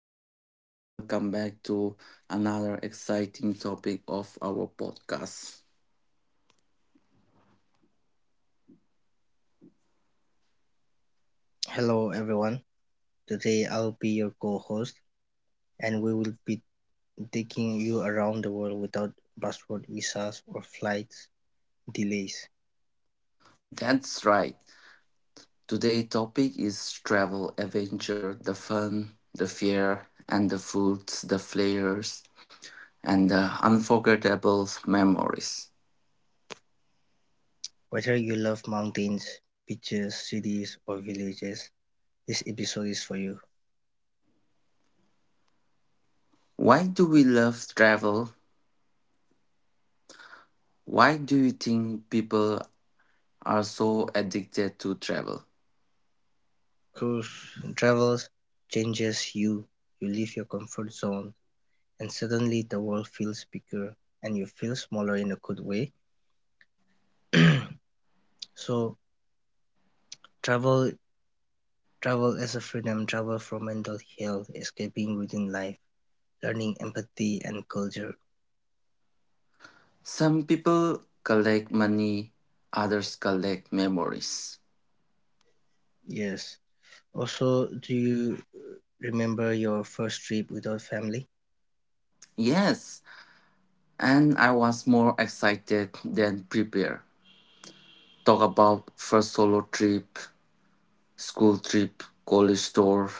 everyone, welcome back to another exciting topic of our podcast. Hello everyone, today I'll be your co-host and we will be taking you around the world without passport visas or flight delays. That's right. Today's topic is travel adventure, the fun, the fear, and the foods, the flavors, and the unforgettable memories. Whether you love mountains, beaches, cities or villages, this episode is for you. Why do we love travel? Why do you think people are so addicted to travel? Cruise travels changes you. You leave your comfort zone and suddenly the world feels bigger and you feel smaller in a good way. So travel travel as a freedom, travel from mental health, escaping within life. Learning empathy and culture. Some people collect money, others collect memories. Yes. Also, do you remember your first trip without family? Yes, and I was more excited than prepared. Talk about first solo trip, school trip, college tour,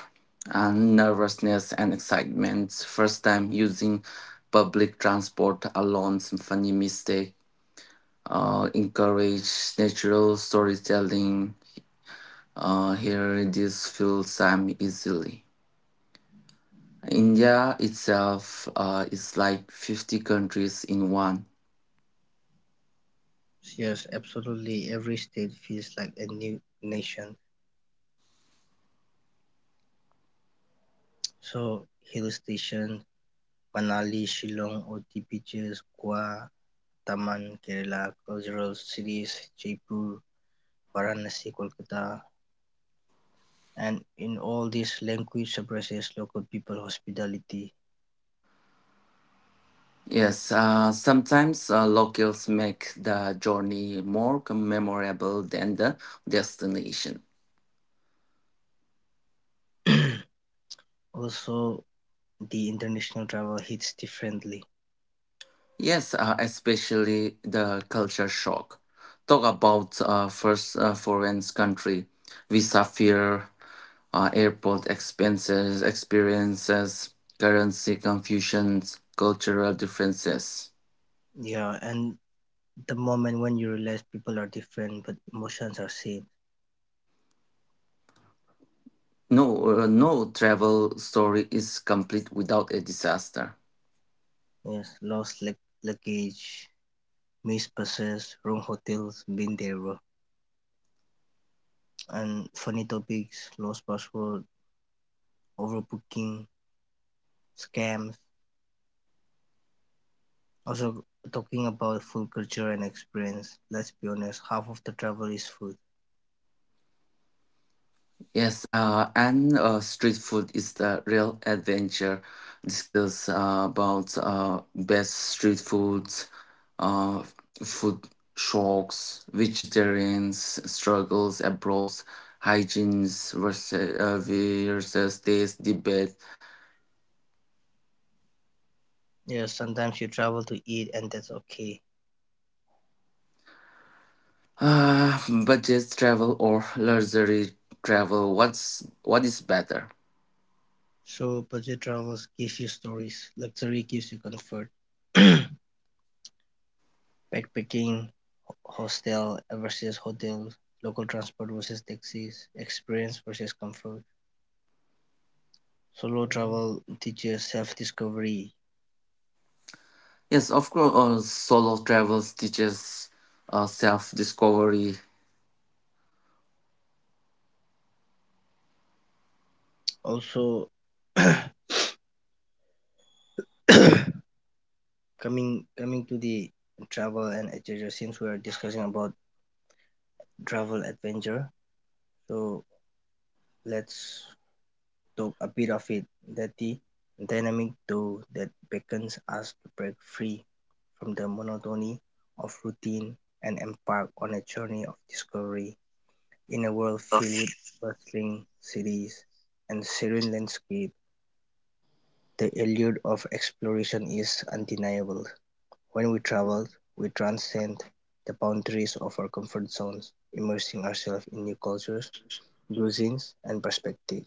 and nervousness and excitement. First time using public transport alone, some funny mistake. Encourage natural storytelling. Here, this feels time easily. India itself is like 50 countries in one. Yes, absolutely. Every state feels like a new nation. So, hill station, Manali, Shillong, OT beaches, Goa, Daman, Kerala, cultural cities, Jaipur, Varanasi, Kolkata, and in all these language suppresses local people hospitality. Yes, sometimes locals make the journey more memorable than the destination. Also, the international travel hits differently. Yes, especially the culture shock. Talk about first foreign country, visa fear, airport expenses, experiences, currency confusions, cultural differences. Yeah, and the moment when you realize people are different but emotions are same. No, no travel story is complete without a disaster. Yes, lost lug luggage, missed buses, wrong hotels, been there, bro. And funny topics, lost password, overbooking, scams. Also, talking about food culture and experience. Let's be honest, half of the travel is food. Yes, and street food is the real adventure. Discuss about best street foods, uh, food shocks, vegetarians struggles abroad, hygienes versus, versus taste debate, Yeah, sometimes you travel to eat, and that's okay. uh, budget travel or luxury travel. What is better? So, budget travels gives you stories, luxury gives you comfort. Backpacking, hostel versus hotels, local transport versus taxis, experience versus comfort. Solo travel teaches self-discovery. Yes, of course, solo travels teaches self discovery. Also, coming to the travel and adventure, since we are discussing about travel adventure, so let's took a bit of it, that the dynamic though that beckons us to break free from the monotony of routine and embark on a journey of discovery in a world filled with bustling cities and serene landscape. The allure of exploration is undeniable. When we travel, we transcend the boundaries of our comfort zones, immersing ourselves in new cultures, cuisines, and perspectives.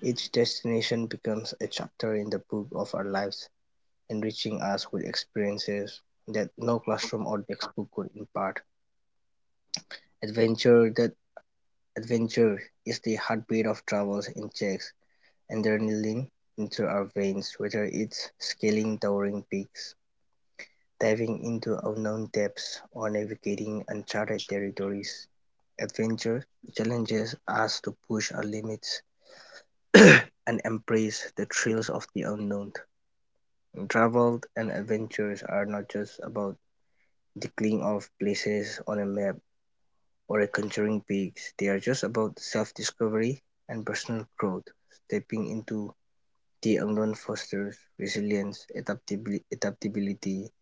Each destination becomes a chapter in the book of our lives, enriching us with experiences that no classroom or textbook could impart. Adventure that adventure is the heartbeat of travels in travel, injects adrenaline into our veins, whether it's scaling towering peaks, diving into unknown depths, or navigating uncharted territories. Adventure challenges us to push our limits and embrace the thrills of the unknown. Travels and adventures are not just about tickling off places on a map or conjuring peaks. They are just about self-discovery and personal growth, stepping into the unknown fosters resilience, adaptability,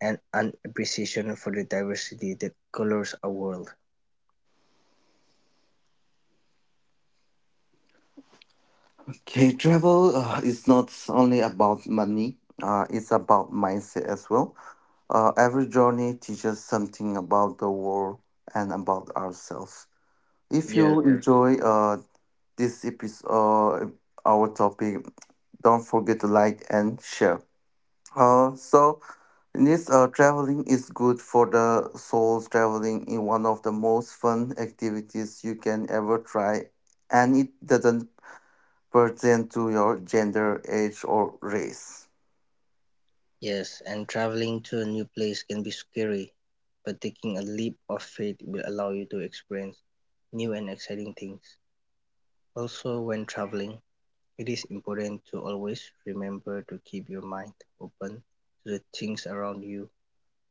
and an appreciation for the diversity that colors our world. Okay, travel is not only about money, it's about mindset as well. Every journey teaches something about the world and about ourselves. If you, Yes, yes, enjoy, this episode, our topic, don't forget to like and share. So, in this traveling is good for the souls. Traveling is one of the most fun activities you can ever try, and it doesn't pertain to your gender, age, or race. yes, and traveling to a new place can be scary, but taking a leap of faith will allow you to experience new and exciting things. Also, when traveling, it is important to always remember to keep your mind open to the things around you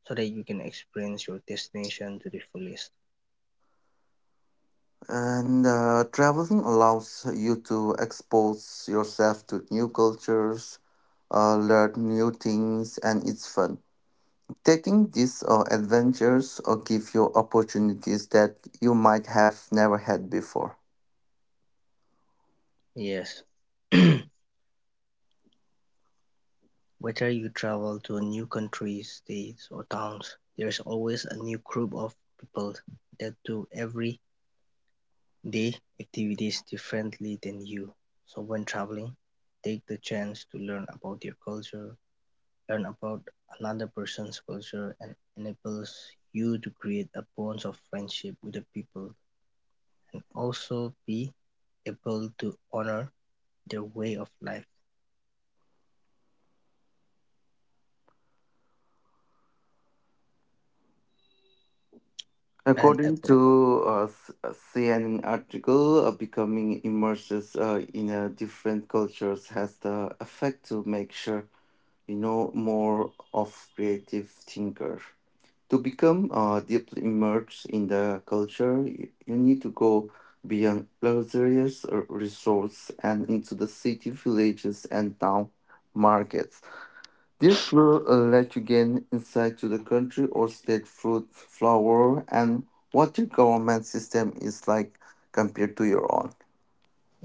so that you can experience your destination to the fullest. And traveling allows you to expose yourself to new cultures, learn new things, and it's fun. Taking these adventures give you opportunities that you might have never had before. Yes, whether you travel to a new country, states, or towns, there's always a new group of people that do everyday activities differently than you. So, when traveling, take the chance to learn about their culture, learn about another person's culture and enables you to create a bond of friendship with the people and also be able to honor their way of life and According ac- to a CNN article, becoming immersed in a different cultures has the effect to make sure you know, more of creative thinker. To become deeply immersed in the culture, you need to go beyond luxurious resorts and into the city, villages, and town markets. This will let you gain insight to the country or state fruit, flower, and what your government system is like compared to your own.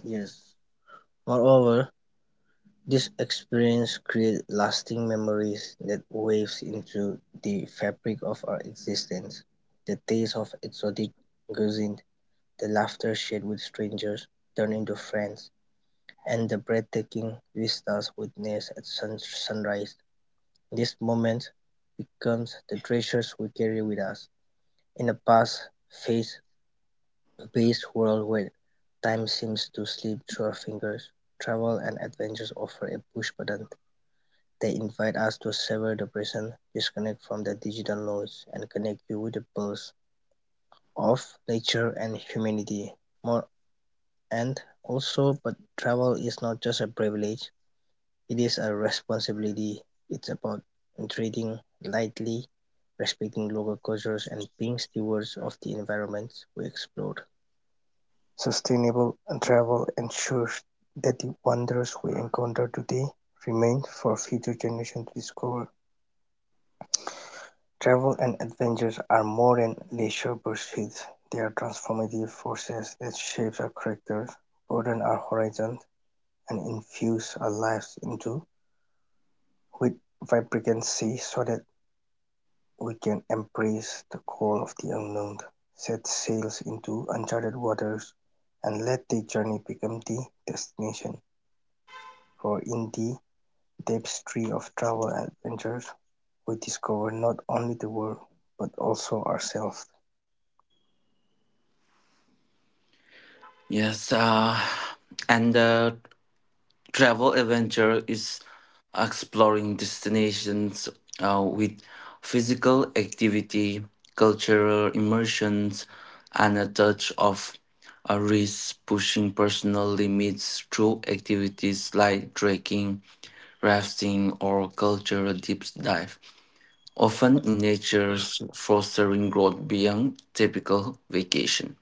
yes, moreover, this experience creates lasting memories that waves into the fabric of our existence, the taste of exotic cuisine, the laughter shared with strangers turn into friends, and the breathtaking vistas witnessed at sunrise. This moment becomes the treasures we carry with us. In a fast-paced world where time seems to slip through our fingers, travel and adventures offer a push button. They invite us to savor the present, disconnect from the digital noise, and connect you with the pulse of nature and humanity. More and also, but travel is not just a privilege, it is a responsibility, it's about treading lightly, respecting local cultures and being stewards of the environments we explore. Sustainable travel ensures that the wonders we encounter today remain for future generations to discover. Travel and adventures are more than leisure pursuits. They are transformative forces that shape our characters, broaden our horizons, and infuse our lives into with vibrancy so that we can embrace the call of the unknown, set sail into uncharted waters, and let the journey become the destination. For in the tapestry of travel and adventures, we discover not only the world, but also ourselves. Yes, and travel adventure is exploring destinations with physical activity, cultural immersions, and a touch of a risk, pushing personal limits through activities like trekking, rafting, or cultural deep dive, often in nature's fostering growth beyond typical vacation.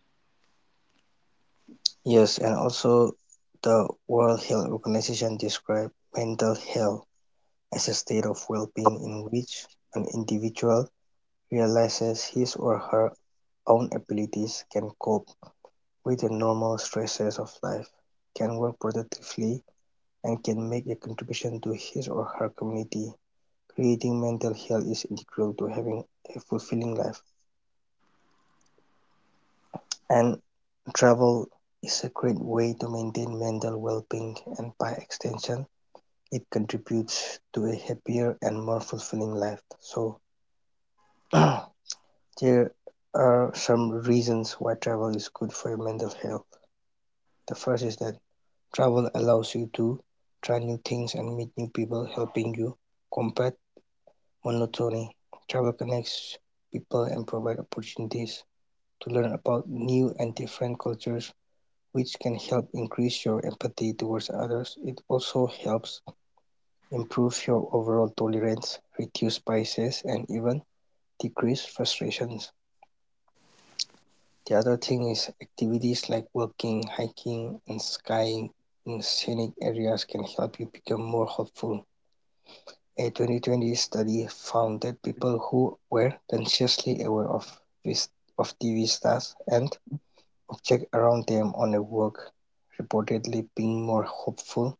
Yes, and also the World Health Organization describes mental health as a state of well being in which an individual realizes his or her own abilities can cope with the normal stresses of life, can work productively and can make a contribution to his or her community. Creating mental health is integral to having a fulfilling life, and travel is a great way to maintain mental well being, and by extension, it contributes to a happier and more fulfilling life. So, there are some reasons why travel is good for your mental health. The first is that travel allows you to try new things and meet new people, helping you combat monotony. Travel connects people and provides opportunities to learn about new and different cultures, which can help increase your empathy towards others. It also helps improve your overall tolerance, reduce biases, and even decrease frustrations. The other thing is activities like walking, hiking, and skiing in scenic areas can help you become more hopeful. A 2020 study found that people who were consciously aware of TV stars and objects around them on a walk reportedly being more hopeful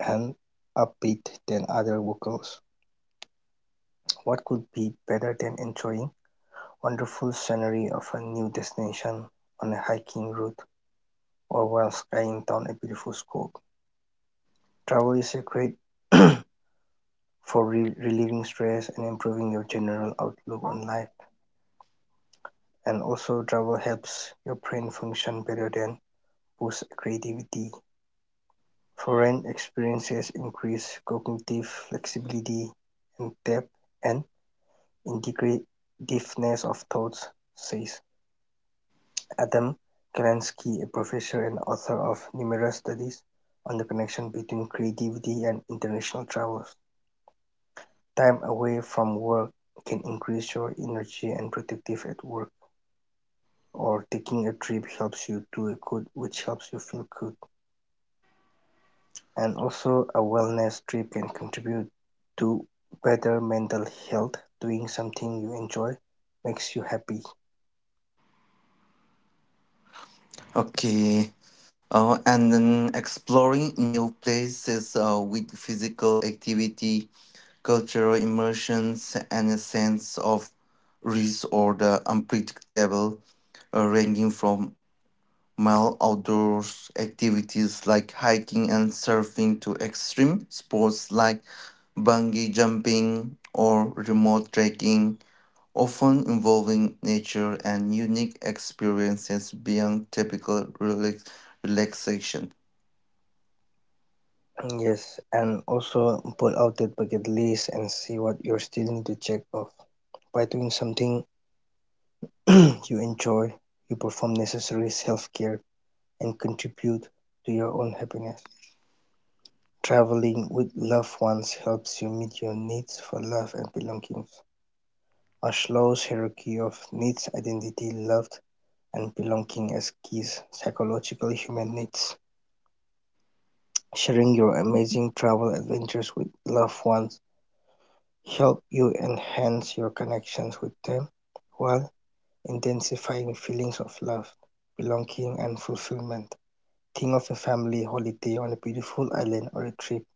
and upbeat than other locals. What could be better than enjoying wonderful scenery of a new destination on a hiking route or while skiing down a beautiful slope? Travel is a great for relieving stress and improving your general outlook on life. And also travel helps your brain function better than boosts creativity. Foreign experiences increase cognitive flexibility and depth and integrativeness of thoughts, says Adam Kalansky, a professor and author of numerous studies on the connection between creativity and international travels. Time away from work can increase your energy and productive at work, or taking a trip helps you do good, which helps you feel good. And also a wellness trip can contribute to better mental health, doing something you enjoy makes you happy. Okay, and then exploring new places with physical activity, cultural immersions, and a sense of risk or the unpredictable, ranging from mild outdoors activities like hiking and surfing to extreme sports like bungee jumping or remote trekking, often involving nature and unique experiences beyond typical relaxation. Yes, and also pull out that bucket list and see what you still need to check off by doing something you enjoy, you perform necessary self-care and contribute to your own happiness. Traveling with loved ones helps you meet your needs for love and belongings. Maslow's hierarchy of needs identity love and Spelunking as keys psychological human needs. Sharing your Mhm. amazing travel adventures with loved ones help you enhance your connections with them while intensifying feelings of love, belonging, and fulfillment. Think of a family holiday on a beautiful island or a trip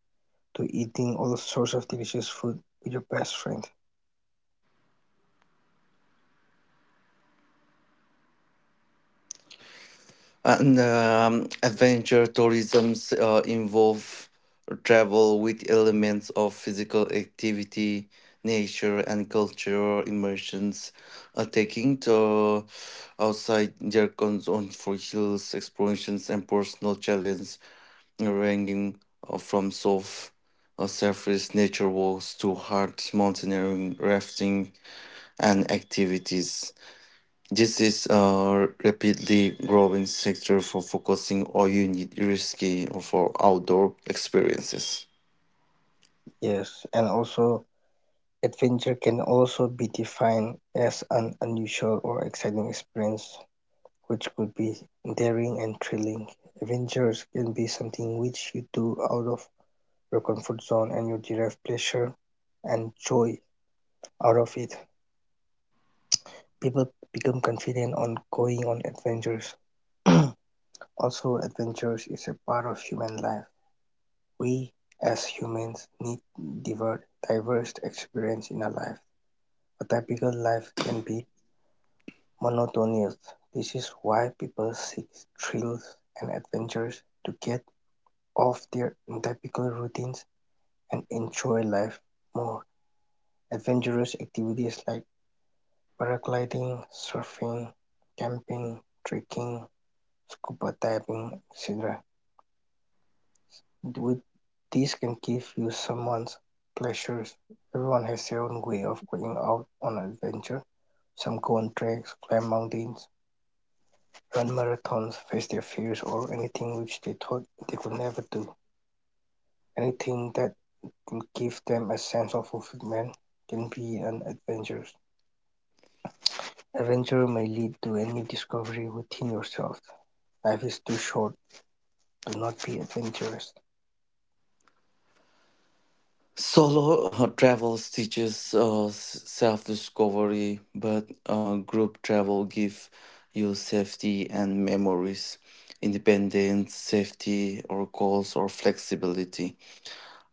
to eating all sorts of delicious food with your best friend. And adventure tourisms involve travel with elements of physical activity, nature, and cultural immersions, taking to outside their comfort for hills, explorations, and personal challenge, ranging from soft surface nature walks to hard mountaineering, rafting, and activities. This is a rapidly growing sector for focusing on unique, risky for outdoor experiences. Yes, and also adventure can also be defined as an unusual or exciting experience which could be daring and thrilling. Adventures can be something which you do out of your comfort zone and you derive pleasure and joy out of it. People become confident on going on adventures. Also, adventures is a part of human life. We as humans need diver- diverse experience in our life. A typical life can be monotonous. This is why people seek thrills and adventures to get off their typical routines and enjoy life more. Adventurous activities like paragliding, surfing, camping, trekking, scuba diving, etc. With this can give you someone's pleasures. Everyone has their own way of going out on an adventure. Some go on treks, climb mountains, run marathons, face their fears, or anything which they thought they could never do. Anything that to give them a sense of fulfillment can be an adventure. Adventure may lead to a new discovery within yourself. Life is too short to not be adventurous. Solo travels teaches self-discovery, but group travel gives you safety and memories, independence, safety, or goals or flexibility.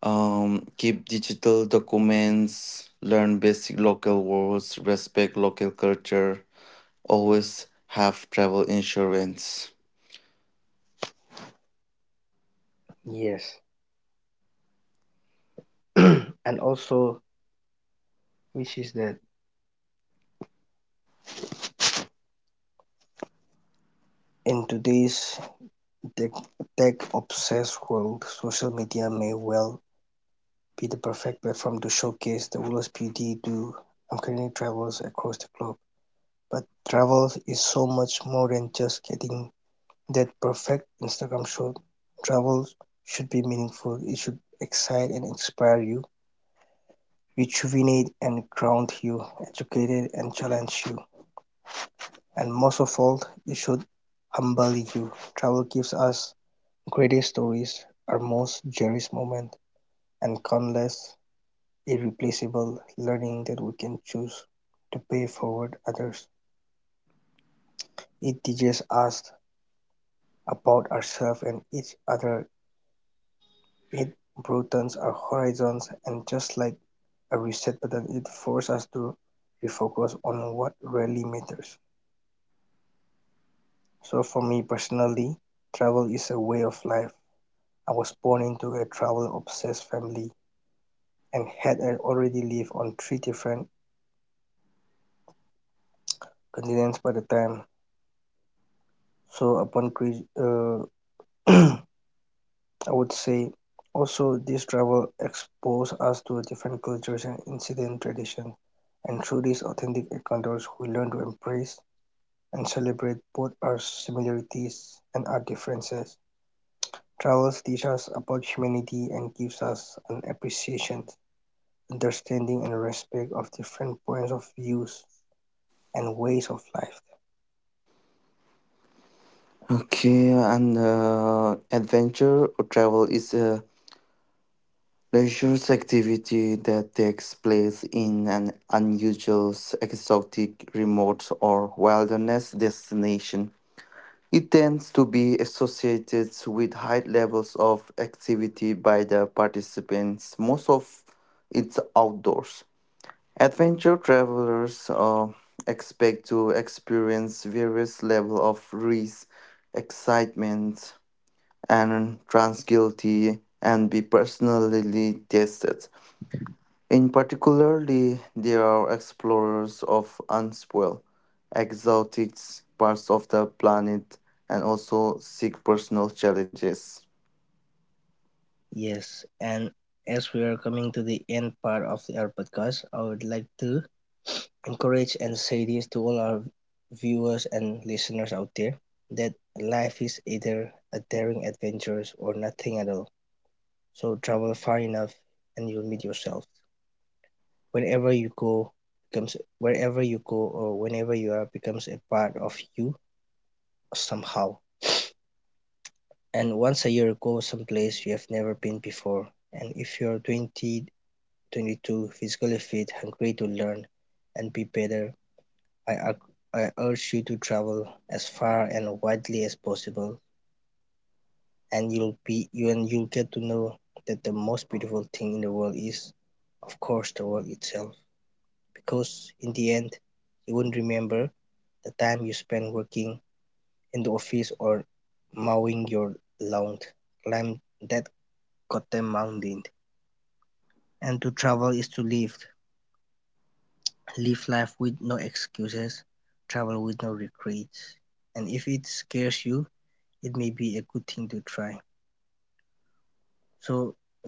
Keep digital documents, learn basic local words, respect local culture, always have travel insurance. Yes. And also, which is that in today's tech, tech obsessed world, social media may well be the perfect platform to showcase the world's beauty to uncanny travels across the globe. But travel is so much more than just getting that perfect Instagram shoot. Travel should be meaningful. It should excite and inspire you, rejuvenate and ground you, educate and challenge you, and most of all, it should humble you. Travel gives us greatest stories, our most cherished moment, and countless irreplaceable learning that we can choose to pay forward others. It teaches us about ourselves and each other. It broadens our horizons and just like a reset button, it forces us to refocus on what really matters. So for me personally, travel is a way of life. I was born into a travel obsessed family and had already lived on 3 different continents by the time. So upon uh, I would say also this travel exposed us to different cultures and incident traditions and through these authentic encounters we learn to embrace and celebrate both our similarities and our differences. Travels teach us about humanity and gives us an appreciation, understanding, and respect of different points of views and ways of life. Okay, and adventure or travel is a leisure activity that takes place in an unusual, exotic, remote, or wilderness destination. It tends to be associated with high levels of activity by the participants. Most of it's outdoors. Adventure travelers expect to experience various level of risk, excitement, and transguilty and be personally tested. In particularly, there are explorers of unspoiled, exotic parts of the planet and also seek personal challenges. Yes, and as we are coming to the end part of our podcast, I would like to encourage and say this to all our viewers and listeners out there that life is either a daring adventure or nothing at all. So travel far enough and you'll meet yourself. Whenever you go becomes Wherever you go or whenever you are becomes a part of you somehow. And once a year go someplace you have never been before. And if you're 22 physically fit, hungry to learn and be better, I, I urge you to travel as far and widely as possible. And you'll be you and you'll get to know that the most beautiful thing in the world is, of course, the world itself. Because in the end you won't remember the time you spent working in the office or mowing your lawn. Climb that goddamn mountain, and to travel is to live, live life with no excuses, travel with no regrets, and if it scares you it may be a good thing to try. So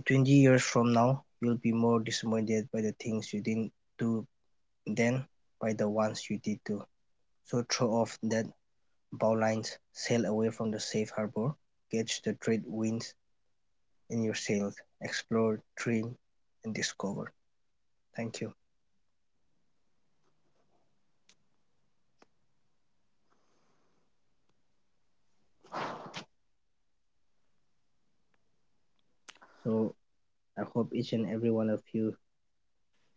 20 years from now you'll be more disappointed by the things you didn't do then by the ones you did do. So throw off that Bowlines, sail away from the safe harbor, catch the trade winds in your sails, explore, dream, and discover. Thank you. So I hope each and every one of you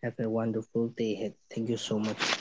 have a wonderful day ahead. Thank you so much.